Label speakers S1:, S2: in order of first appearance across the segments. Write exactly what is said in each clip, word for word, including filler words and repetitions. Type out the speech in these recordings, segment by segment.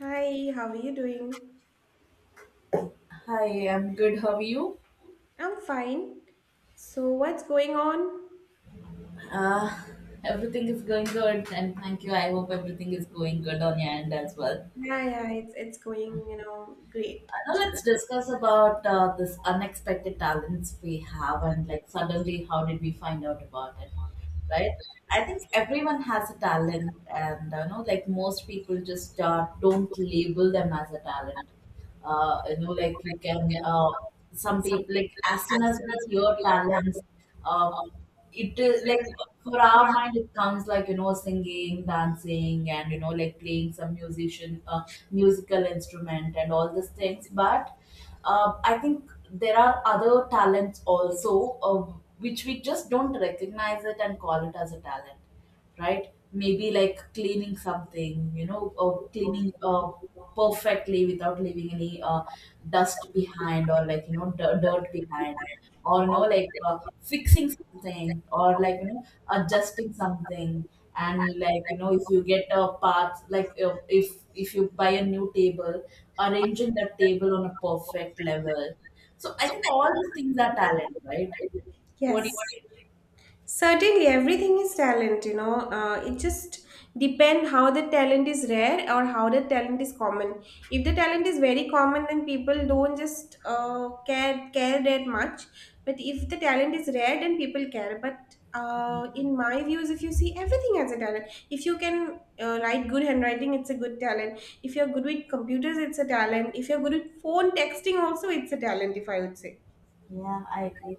S1: Hi, how are you doing?
S2: Hi, I'm good. How are you?
S1: I'm fine. So what's going on?
S2: Uh, Everything is going good, and thank you. I hope everything is going good on your end as well.
S1: Yeah, yeah, it's it's going, you know, great
S2: Uh, now
S1: actually.
S2: let's discuss about uh, this unexpected talents we have, and like suddenly, how did we find out about it, right? I think everyone has a talent, and uh, you know, like most people just uh, don't label them as a talent. Uh, you know, like you can, uh, some people, like as soon as we hear talents, uh, it is like for our mind, it comes like you know, singing, dancing, and you know, like playing some musician, uh, musical instrument, and all these things. But uh, I think there are other talents also. Uh, which we just don't recognize it and call it as a talent, right? Maybe like cleaning something, you know, or cleaning uh, perfectly without leaving any uh, dust behind, or like you know d- dirt behind, or you know like uh, fixing something, or like you know adjusting something. And like you know if you get a path, like uh, if if you buy a new table, arranging that table on a perfect level. So I think all these things are talent, right? What do
S1: Yes.
S2: you think?
S1: Certainly, everything is talent, you know. Uh, it just depend how the talent is rare or how the talent is common. If the talent is very common, then people don't just uh, care care that much. But if the talent is rare, then people care. But uh, in my views, if you see everything as a talent, if you can uh, write good handwriting, it's a good talent. If you're good with computers, it's a talent. If you're good with phone texting, also it's a talent. If I would say.
S2: Yeah, I agree.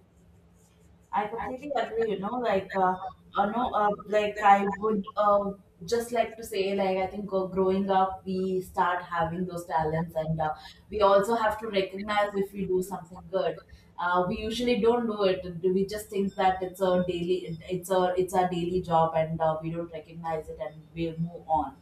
S2: I completely agree, you know, like, uh, uh no, uh, like I would uh, just like to say, like, I think uh, growing up, we start having those talents, and uh, we also have to recognize if we do something good. Uh, we usually don't do it. We just think that it's a daily, it's a, it's our daily job, and uh, we don't recognize it, and we move on.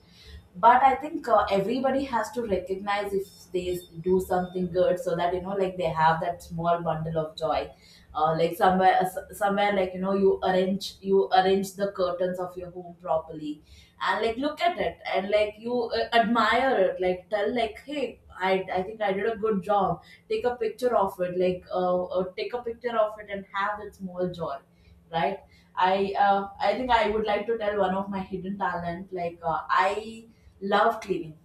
S2: But I think uh, everybody has to recognize if they s- do something good, so that you know like they have that small bundle of joy uh, like somewhere uh, s- somewhere, like you know, you arrange you arrange the curtains of your home properly and like look at it and like you uh, admire it, like tell like, hey, I, I think I did a good job. Take a picture of it, like uh, uh, take a picture of it and have that small joy, right? i uh, I think I would like to tell one of my hidden talent, like uh, I love cleaning.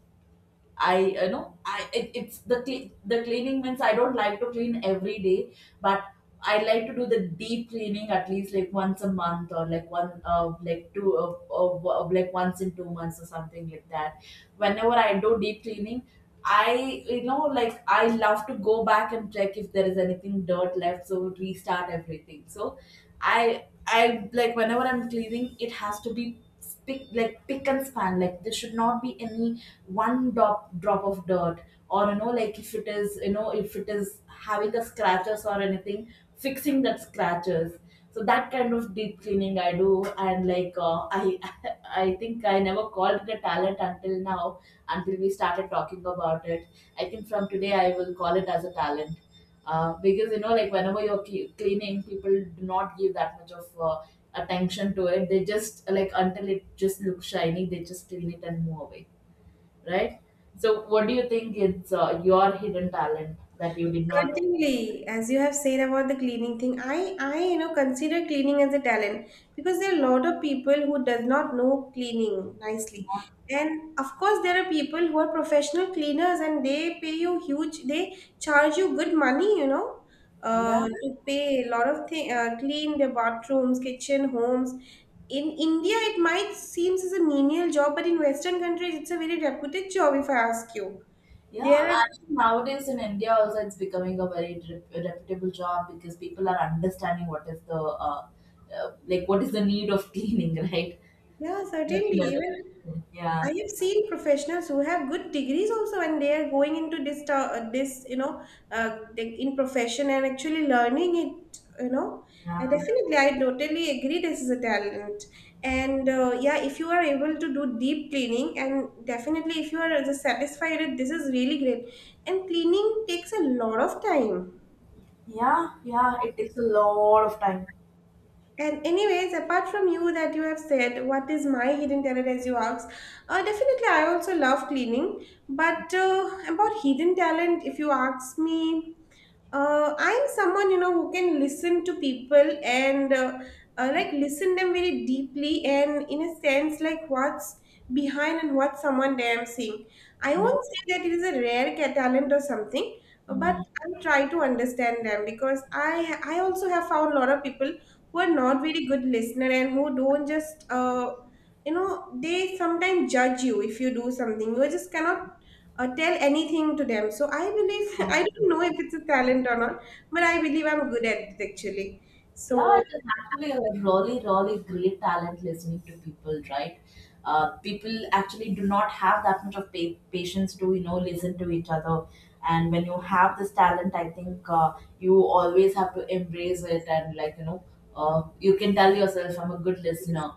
S2: I you know I it, it's the cle- the cleaning means I don't like to clean every day, but I like to do the deep cleaning at least like once a month, or like one uh, like two uh, uh, like once in two months or something like that. Whenever I do deep cleaning, I you know like I love to go back and check if there is anything dirt left, so restart everything. So I I like whenever I'm cleaning, it has to be pick like pick and span. Like there should not be any one drop drop of dirt, or you know like if it is, you know, if it is having a scratches or anything, fixing that scratches. So that kind of deep cleaning I do, and like uh, I I think I never called it a talent until now, until we started talking about it. I think from today I will call it as a talent, uh, because you know, like whenever you're cle- cleaning, people do not give that much of uh, attention to it. They just like, until it just looks shiny, they just clean it and move away, right? So, what do you think is uh, your hidden talent that you did not?
S1: Certainly, as you have said about the cleaning thing, I, I, you know, consider cleaning as a talent because there are a lot of people who does not know cleaning nicely. And of course, there are people who are professional cleaners and they pay you huge, they charge you good money, you know, uh,
S2: Yeah,
S1: to pay a lot of thing, uh, clean their bathrooms, kitchen, homes. In India, it might seems as a menial job, but in Western countries, it's a very reputed job, if I ask you.
S2: yeah.
S1: There are,
S2: I think nowadays in India also, it's becoming a very rep- reputable job, because people are understanding what is the uh, uh, like what is the need of cleaning, right?
S1: yeah, certainly,
S2: Looking at
S1: even.
S2: the
S1: I
S2: yeah,
S1: have seen professionals who have good degrees also, and they are going into this, to- uh, this you know, uh, they- in profession and actually learning it, you know. And
S2: yeah,
S1: definitely, I totally agree. This is a talent, and uh, yeah, if you are able to do deep cleaning, and definitely if you are satisfied, this is really great. And cleaning takes a lot of time.
S2: yeah, yeah. It takes a lot of time.
S1: And anyways, apart from you that you have said, what is my hidden talent as you asked? Uh, definitely, I also love cleaning. But uh, about hidden talent, if you ask me, uh, I'm someone you know who can listen to people and uh, uh, like listen them very deeply and in a sense like what's behind and what someone damn saying. I
S2: Yeah.
S1: won't say that it is a rare ca- talent or something, but I try to understand them because i i also have found a lot of people who are not very good listener and who don't just uh, you know, they sometimes judge you if you do something. You just cannot or tell anything to them. So I believe, I
S2: Mm.
S1: don't know if it's a talent or not, but I believe I'm good at it actually.
S2: Yeah,
S1: So
S2: it is actually a really, really great talent listening to people, right? Uh, people actually do not have that much of pa- patience to, you know, listen to each other. And when you have this talent, I think uh, you always have to embrace it, and, like, you know, uh, you can tell yourself, I'm a good listener.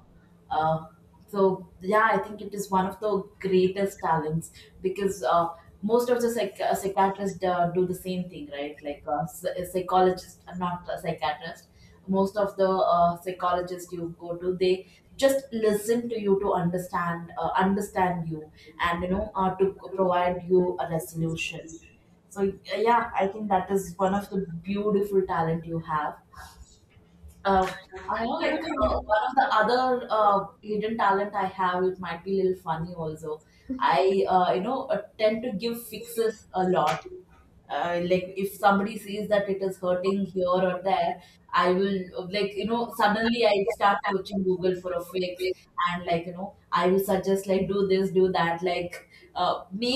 S2: Uh, so, yeah, I think it is one of the greatest talents, because uh, most of the psych- uh, psychiatrists uh, do the same thing, right? Like uh, psychologists, not a psychiatrist. Most of the uh, psychologists you go to, they just listen to you to understand, uh, understand you, and you know, uh, to provide you a resolution. So uh, yeah, I think that is one of the beautiful talent you have. uh, I know, like uh, one of the other uh, hidden talent I have, it might be a little funny also. I uh, you know, uh, tend to give fixes a lot. Uh, like if somebody sees that it is hurting here or there, I will uh, like you know, suddenly I start searching Google for a fix, and like you know I will suggest, like, do this, do that, like uh, me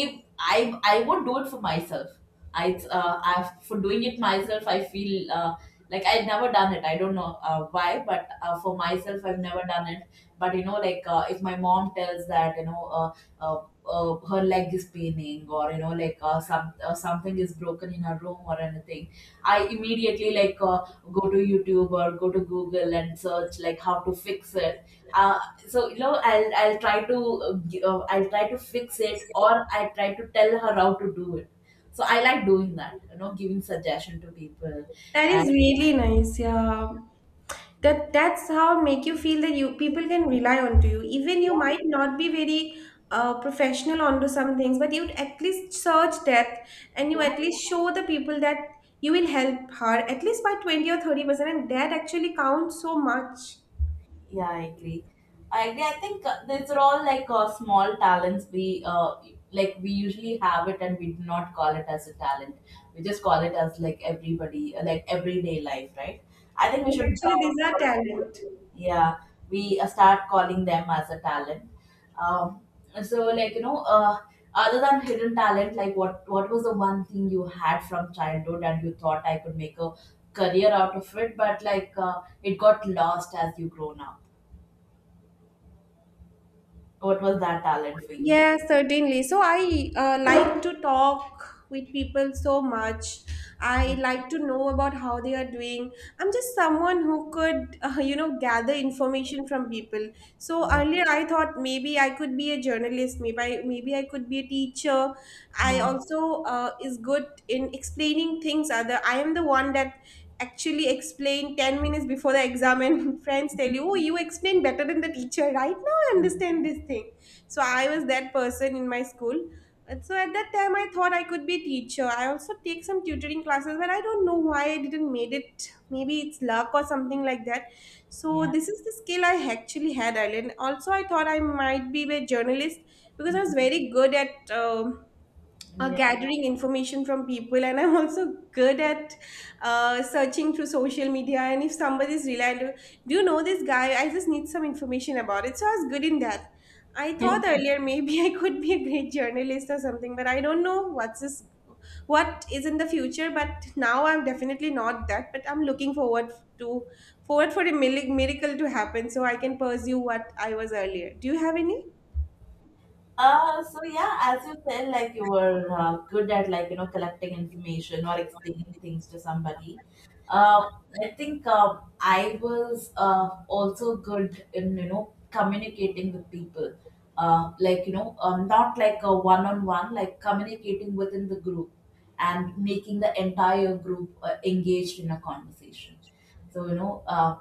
S2: i i won't do it for myself. i uh, I, for doing it myself, I feel uh, like I've never done it. I don't know uh, why, but uh, for myself I've never done it. But you know like uh, if my mom tells that you know uh, uh, uh, her leg is paining, or you know like uh, some uh, something is broken in her room or anything, I immediately like uh, go to YouTube or go to Google and search like how to fix it. uh, so you know i'll I'll try to uh, gi- uh, I'll try to fix it, or I try to tell her how to do it. So I like doing that, you know, giving suggestion to people.
S1: that is
S2: And
S1: really nice. Yeah. That that's how make you feel that you people can rely on to you. Even you
S2: yeah,
S1: might not be very uh, professional onto some things, but you'd at least search that and you
S2: yeah.
S1: at least show the people that you will help her at least by twenty or thirty percent and that actually counts so much.
S2: Yeah, I agree. I agree. I think uh, these are all like uh, small talents. We uh, like we usually have it, and we do not call it as a talent. We just call it as like everybody, uh, like everyday life, right? I think
S1: So
S2: we should.
S1: actually,
S2: Uh,
S1: these are
S2: call it,
S1: talent.
S2: yeah, we uh, start calling them as a talent. Um, so like you know, uh, other than hidden talent, like what what was the one thing you had from childhood, and you thought I could make a career out of it, but like uh, it got lost as you grown up. What was that talent for you?
S1: Yeah, certainly. So I uh, like to talk with people so much. I like to know about how they are doing. I'm just someone who could, uh, you know, gather information from people. So
S2: Yeah.
S1: earlier I thought maybe I could be a journalist, maybe I, maybe I could be a teacher. I
S2: Yeah.
S1: also uh, is good in explaining things other. I am the one that actually explain ten minutes before the exam, and friends tell you, oh, you explain better than the teacher. Right now I understand this thing. So I was that person in my school. And so at that time, I thought I could be a teacher. I also take some tutoring classes, but I don't know why I didn't made it. Maybe it's luck or something like that. So
S2: Yeah.
S1: this is the skill I actually had earlier. And also, I thought I might be a journalist because I was
S2: Mhm.
S1: very good at. Um uh,
S2: Yeah.
S1: gathering information from people, and I'm also good at uh, searching through social media. And if somebody is reliant, do you know this guy? I just need some information about it. So I was good in that. I thought earlier maybe I could be a great journalist or something, but I don't know what's this, what is in the future. But now I'm definitely not that, but I'm looking forward to forward for a mili- miracle to happen so I can pursue what I was earlier. Do you have any?
S2: Uh, so yeah, as you said, like you were uh, good at like you know collecting information or explaining things to somebody. Uh, I think uh, I was uh, also good in you know communicating with people. Uh, like you know, um, not like a one-on-one, like communicating within the group, and making the entire group uh, engaged in a conversation. So you know, uh,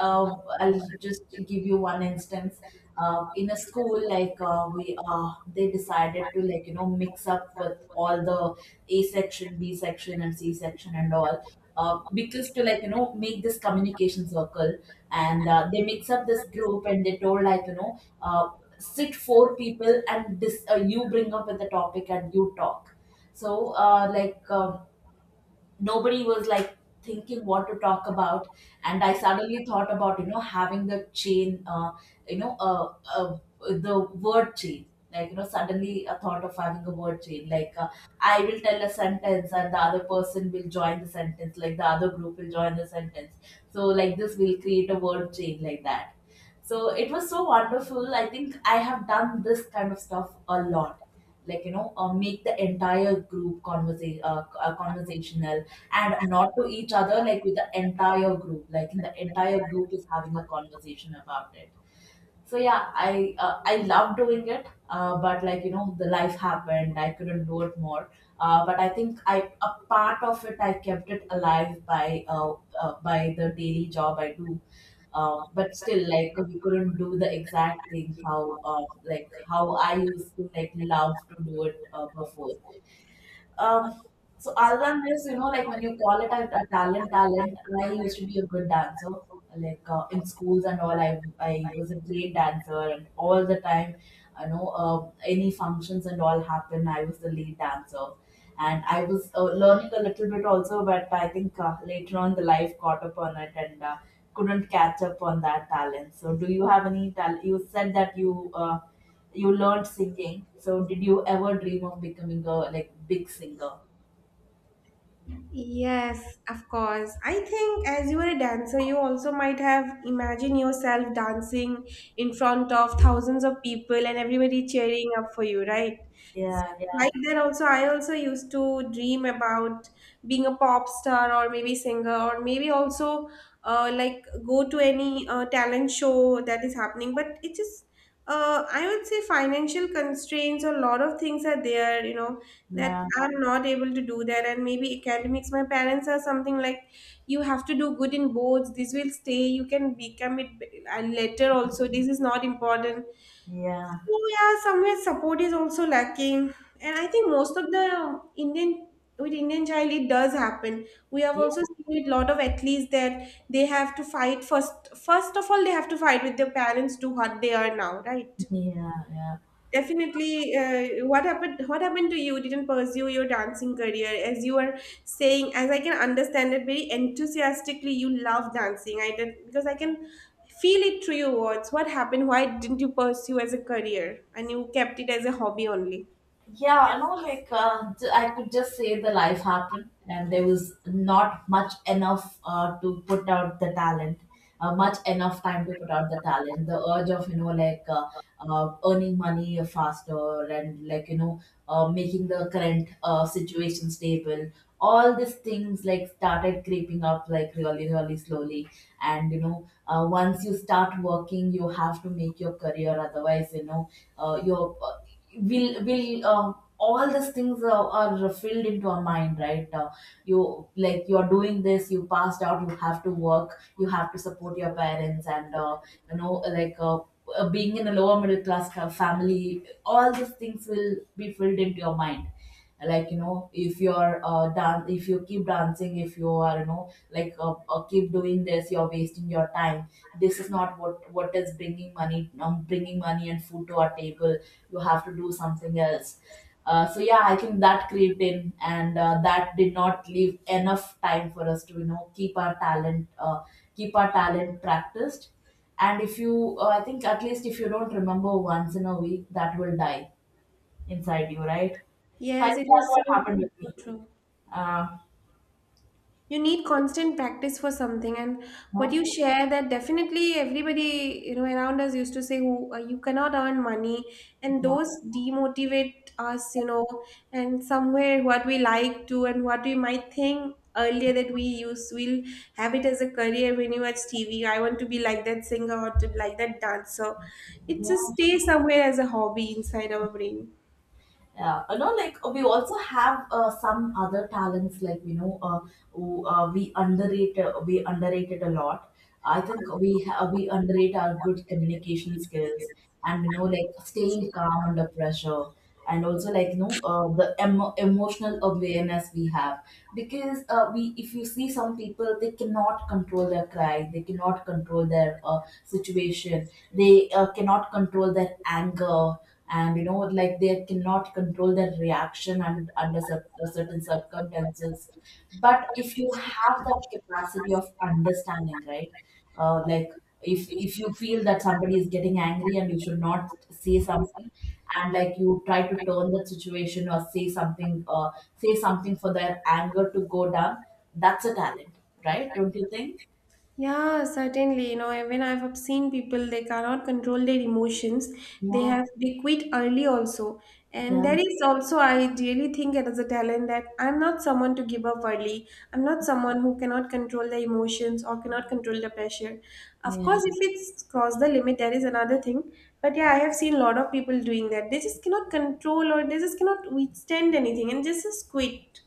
S2: uh, I'll just give you one instance. Uh, in a school, like uh, we uh, they decided to like you know mix up with all the A section, B section, and C section and all, uh, because to like you know make this communication circle, and uh, they mix up this group and they told like you know uh, sit four people, and this uh, you bring up with the topic and you talk. So uh, like uh, nobody was like thinking what to talk about. And I suddenly thought about you know having the chain, uh, you know uh, uh, the word chain, like you know, suddenly a thought of having a word chain, like uh, I will tell a sentence and the other person will join the sentence, like the other group will join the sentence. So like this will create a word chain like that. So it was so wonderful. I think I have done this kind of stuff a lot, like you know uh, make the entire group conversa- uh, uh, conversational, and not to each other, like with the entire group. Like in the entire group is having a conversation about it. So yeah, I uh, I love doing it, uh, but like you know, the life happened. I couldn't do it more. Uh, but I think I, a part of it I kept it alive by uh, uh, by the daily job I do. Uh, but still, like we couldn't do the exact thing how uh, like how I used to like love to do it uh, before. Um, so other than this, you know, like when you call it a, a talent, talent, I used to be a good dancer. Like uh, in schools and all, I I was a great dancer, and all the time, you know, uh, any functions and all happen, I was the lead dancer, and I was uh, learning a little bit also, but I think uh, later on the life caught up on it and uh, couldn't catch up on that talent. So, do you have any talent? You said that you uh, you learned singing. So did you ever dream of becoming a like big singer?
S1: Yes, of course. I think as you were a dancer, you also might have imagined yourself dancing in front of thousands of people and everybody cheering up for you, right? So,
S2: Yeah, yeah,
S1: like that also, I also used to dream about being a pop star or maybe singer or maybe also uh, like go to any uh, talent show that is happening. But it just, uh, I would say financial constraints, a lot of things are there, you know, that
S2: yeah,
S1: I'm not able to do that, and maybe academics. My parents are something like, you have to do good in boards. This will stay. You can become it b- uh, later also. This is not important.
S2: yeah,
S1: So yeah, somewhere support is also lacking, and I think most of the Indian, with Indian child it does happen. We have
S2: yeah,
S1: also seen a lot of athletes that they have to fight first. First of all, they have to fight with their parents to what they are now, right?
S2: yeah, yeah.
S1: Definitely. Uh, what happened? What happened to you? You didn't pursue your dancing career, as you are saying. As I can understand it very enthusiastically, you love dancing. I did because I can feel it through your words. What happened? Why didn't you pursue as a career, and you kept it as a hobby only?
S2: Yeah, I know, like, uh, j- I could just say the life happened, and there was not much enough uh, to put out the talent, uh, much enough time to put out the talent. The urge of, you know, like uh, uh, earning money faster and, like, you know, uh, making the current uh, situation stable. All these things, like, started creeping up, like, really, really slowly. And, you know, uh, once you start working, you have to make your career, otherwise, you know, uh, your uh, will will uh, all these things uh, are filled into our mind, right? Uh, you like you're doing this, you passed out, you have to work, you have to support your parents, and uh, you know, like uh, uh, being in a lower middle class ca- family, all these things will be filled into your mind, like you know, if you're uh dance, if you keep dancing, if you are, you know, like uh, uh, keep doing this, you're wasting your time. This is not what what is bringing money, um, bringing money and food to our table. You have to do something else. uh, so yeah, I think that crept in, and uh, that did not leave enough time for us to, you know, keep our talent uh, keep our talent practiced. And if you uh, I think at least if you don't remember once in a week, that will die inside you, right? So I
S1: Yes,
S2: think
S1: it
S2: that's
S1: is
S2: what
S1: so
S2: happened
S1: so
S2: with me.
S1: true.
S2: Uh,
S1: You need constant practice for something. And what
S2: yeah,
S1: you share that definitely everybody, you know, around us used to say who uh, you cannot earn money, and
S2: yeah,
S1: those demotivate us, you know. And somewhere what we like to and what we might think earlier that we use we'll have it as a career, when you watch TV, I want to be like that singer or to like that dancer, it just
S2: yeah.
S1: stays somewhere as a hobby inside our brain.
S2: Yeah, you know, like we also have uh, some other talents, like you know, uh, who, uh, we underrate, uh, we underrated a lot. I think we ha- we underrate our good communication skills and you know, like staying calm under pressure, and also, like you know, uh, the emo- emotional awareness we have. Because uh, we, if you see some people, they cannot control their cry, they cannot control their uh, situation, they uh, cannot control their anger, and you know like they cannot control their reaction and under cer- uh, certain circumstances. But if you have that capacity of understanding, right, uh, like if if you feel that somebody is getting angry and you should not say something, and like you try to turn the situation or say something uh, say something for their anger to go down, that's a talent, right? Don't you think?
S1: Yeah, certainly. You know, even I've have seen people, they cannot control their emotions. They
S2: Yeah,
S1: have they quit early also. And
S2: yeah,
S1: there is also, I really think it is a talent that I'm not someone to give up early. I'm not someone who cannot control the emotions or cannot control the pressure. Of
S2: yeah.
S1: course, if it's cross the limit, that is another thing. But yeah, I have seen a lot of people doing that. They just cannot control or they just cannot withstand anything and just, just quit.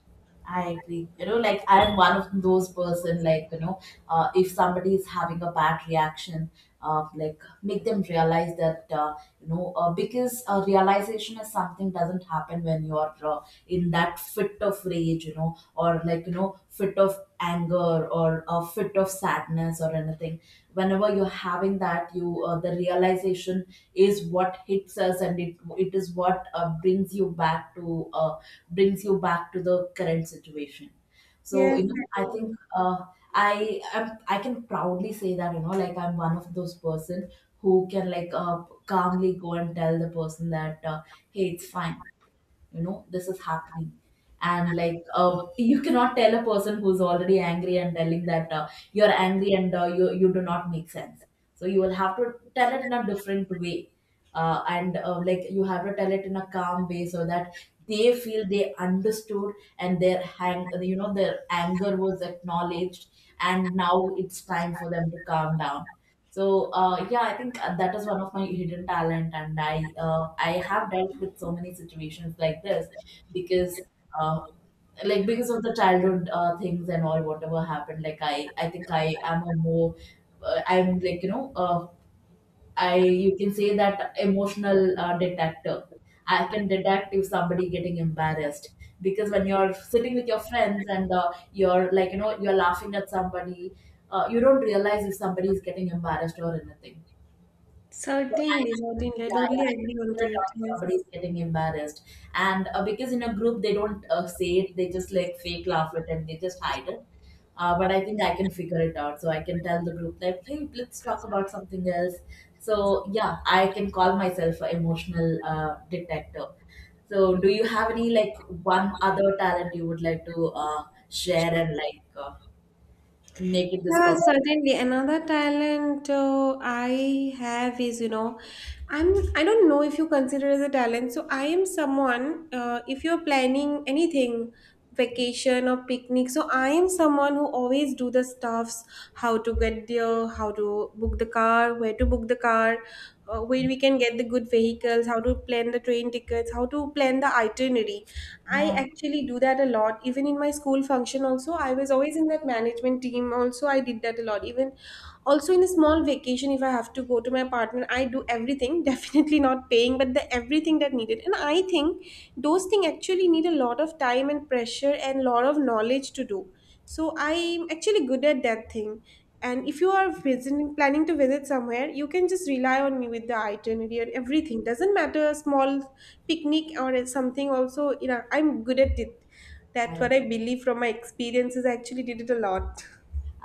S2: I agree. You know, like I am one of those person. Like you know, uh, if somebody is having a bad reaction, uh, like make them realize that uh, you know, uh, because uh, realization is something doesn't happen when you're uh, in that fit of rage, you know, or like you know, fit of anger or a fit of sadness or anything. Whenever you're having that, you uh, the realization is what hits us, and it it is what uh, brings you back to. Uh, brings you back to the current situation. So
S1: Yes,
S2: you know, I think
S1: certainly.
S2: uh, I am, I can proudly say that, you know, like I'm one of those person who can like uh, calmly go and tell the person that, uh, hey, it's fine, you know, this is happening. And like uh, you cannot tell a person who's already angry and telling that uh, you're angry and uh, you you do not make sense. So you will have to tell it in a different way, uh, and uh, like you have to tell it in a calm way so that they feel they understood, and their hang you know, their anger was acknowledged, and now it's time for them to calm down. So uh, yeah, I think uh, that is one of my hidden talent, and I uh, I have dealt with so many situations like this, because uh, like because of the childhood uh, things and all, whatever happened. Like I I think I am a more uh, I'm like, you know, uh, I, you can say that, emotional uh, detector. I can detect if somebody getting embarrassed, because when you're sitting with your friends and uh, you're like, you know, you're laughing at somebody, uh, you don't realize if somebody is getting embarrassed or anything. So I,
S1: Certainly, certainly. I
S2: yeah,
S1: totally
S2: yeah, I can
S1: agree
S2: figure
S1: onto
S2: it
S1: it.
S2: out if
S1: Yes.
S2: somebody is getting embarrassed. And uh, because in a group, they don't uh, say it, they just like fake laugh it and they just hide it. Uh, but I think I can figure it out. So I can tell the group that, hey, let's talk about something else. So yeah, I can call myself an emotional uh, detective. So do you have any like one other talent you would like to uh, share and like uh, make it this
S1: Yeah,
S2: call?
S1: certainly. Another talent uh, I have is, you know, I'm I don't know if you consider as a talent. So I am someone. Uh, if you're planning anything, vacation or picnic, so I am someone who always do the stuffs, how to get there, how to book the car, where to book the car, uh, where we can get the good vehicles, how to plan the train tickets, how to plan the itinerary. I
S2: Yeah.
S1: actually do that a lot. Even in my school function, also, I was always in that management team. Also, I did that a lot. Even also in a small vacation, if I have to go to my partner, I do everything. Definitely not paying, but the everything that needed. And I think those things actually need a lot of time and pressure and lot of knowledge to do. So I'm actually good at that thing. And if you are visiting, planning to visit somewhere, you can just rely on me with the itinerary and everything. Doesn't matter small picnic or something, also you know I'm good at it. That's what I believe from my experiences. I actually did it a lot.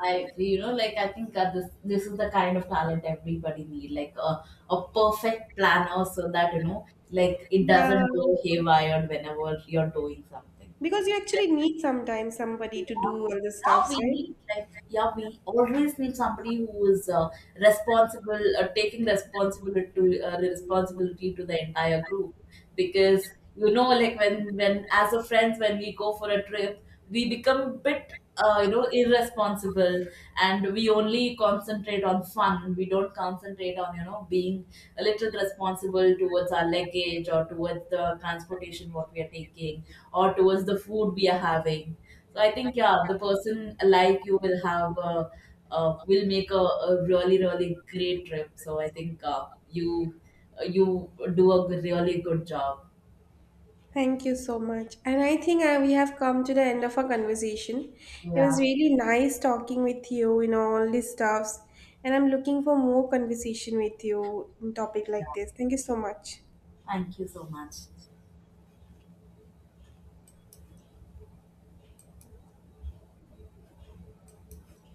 S2: I agree. You know, like I think uh, this this is the kind of talent everybody need, like a a perfect planner, so that you know, like it
S1: Yeah,
S2: doesn't go haywire whenever you're doing something.
S1: because you actually need sometimes somebody to do all the
S2: Yeah,
S1: stuffs,
S2: we
S1: right?
S2: need like, yeah, we always need somebody who is uh, responsible, uh, taking responsibility to uh, responsibility to the entire group. Because you know, like when when as a friends, when we go for a trip, we become a bit uh, you know, irresponsible, and we only concentrate on fun, we don't concentrate on, you know, being a little responsible towards our luggage or towards the transportation what we are taking, or towards the food we are having. So I think yeah, the person like you will have a, uh, will make a, a really really great trip. So I think uh, you you do a really good job.
S1: Thank you so much. And I think uh, we have come to the end of our conversation. It was
S2: Yeah.
S1: really nice talking with you, you know, all these stuffs. And I'm looking for more conversation with you on topic
S2: Yeah.
S1: like this. Thank you so much.
S2: Thank you so much.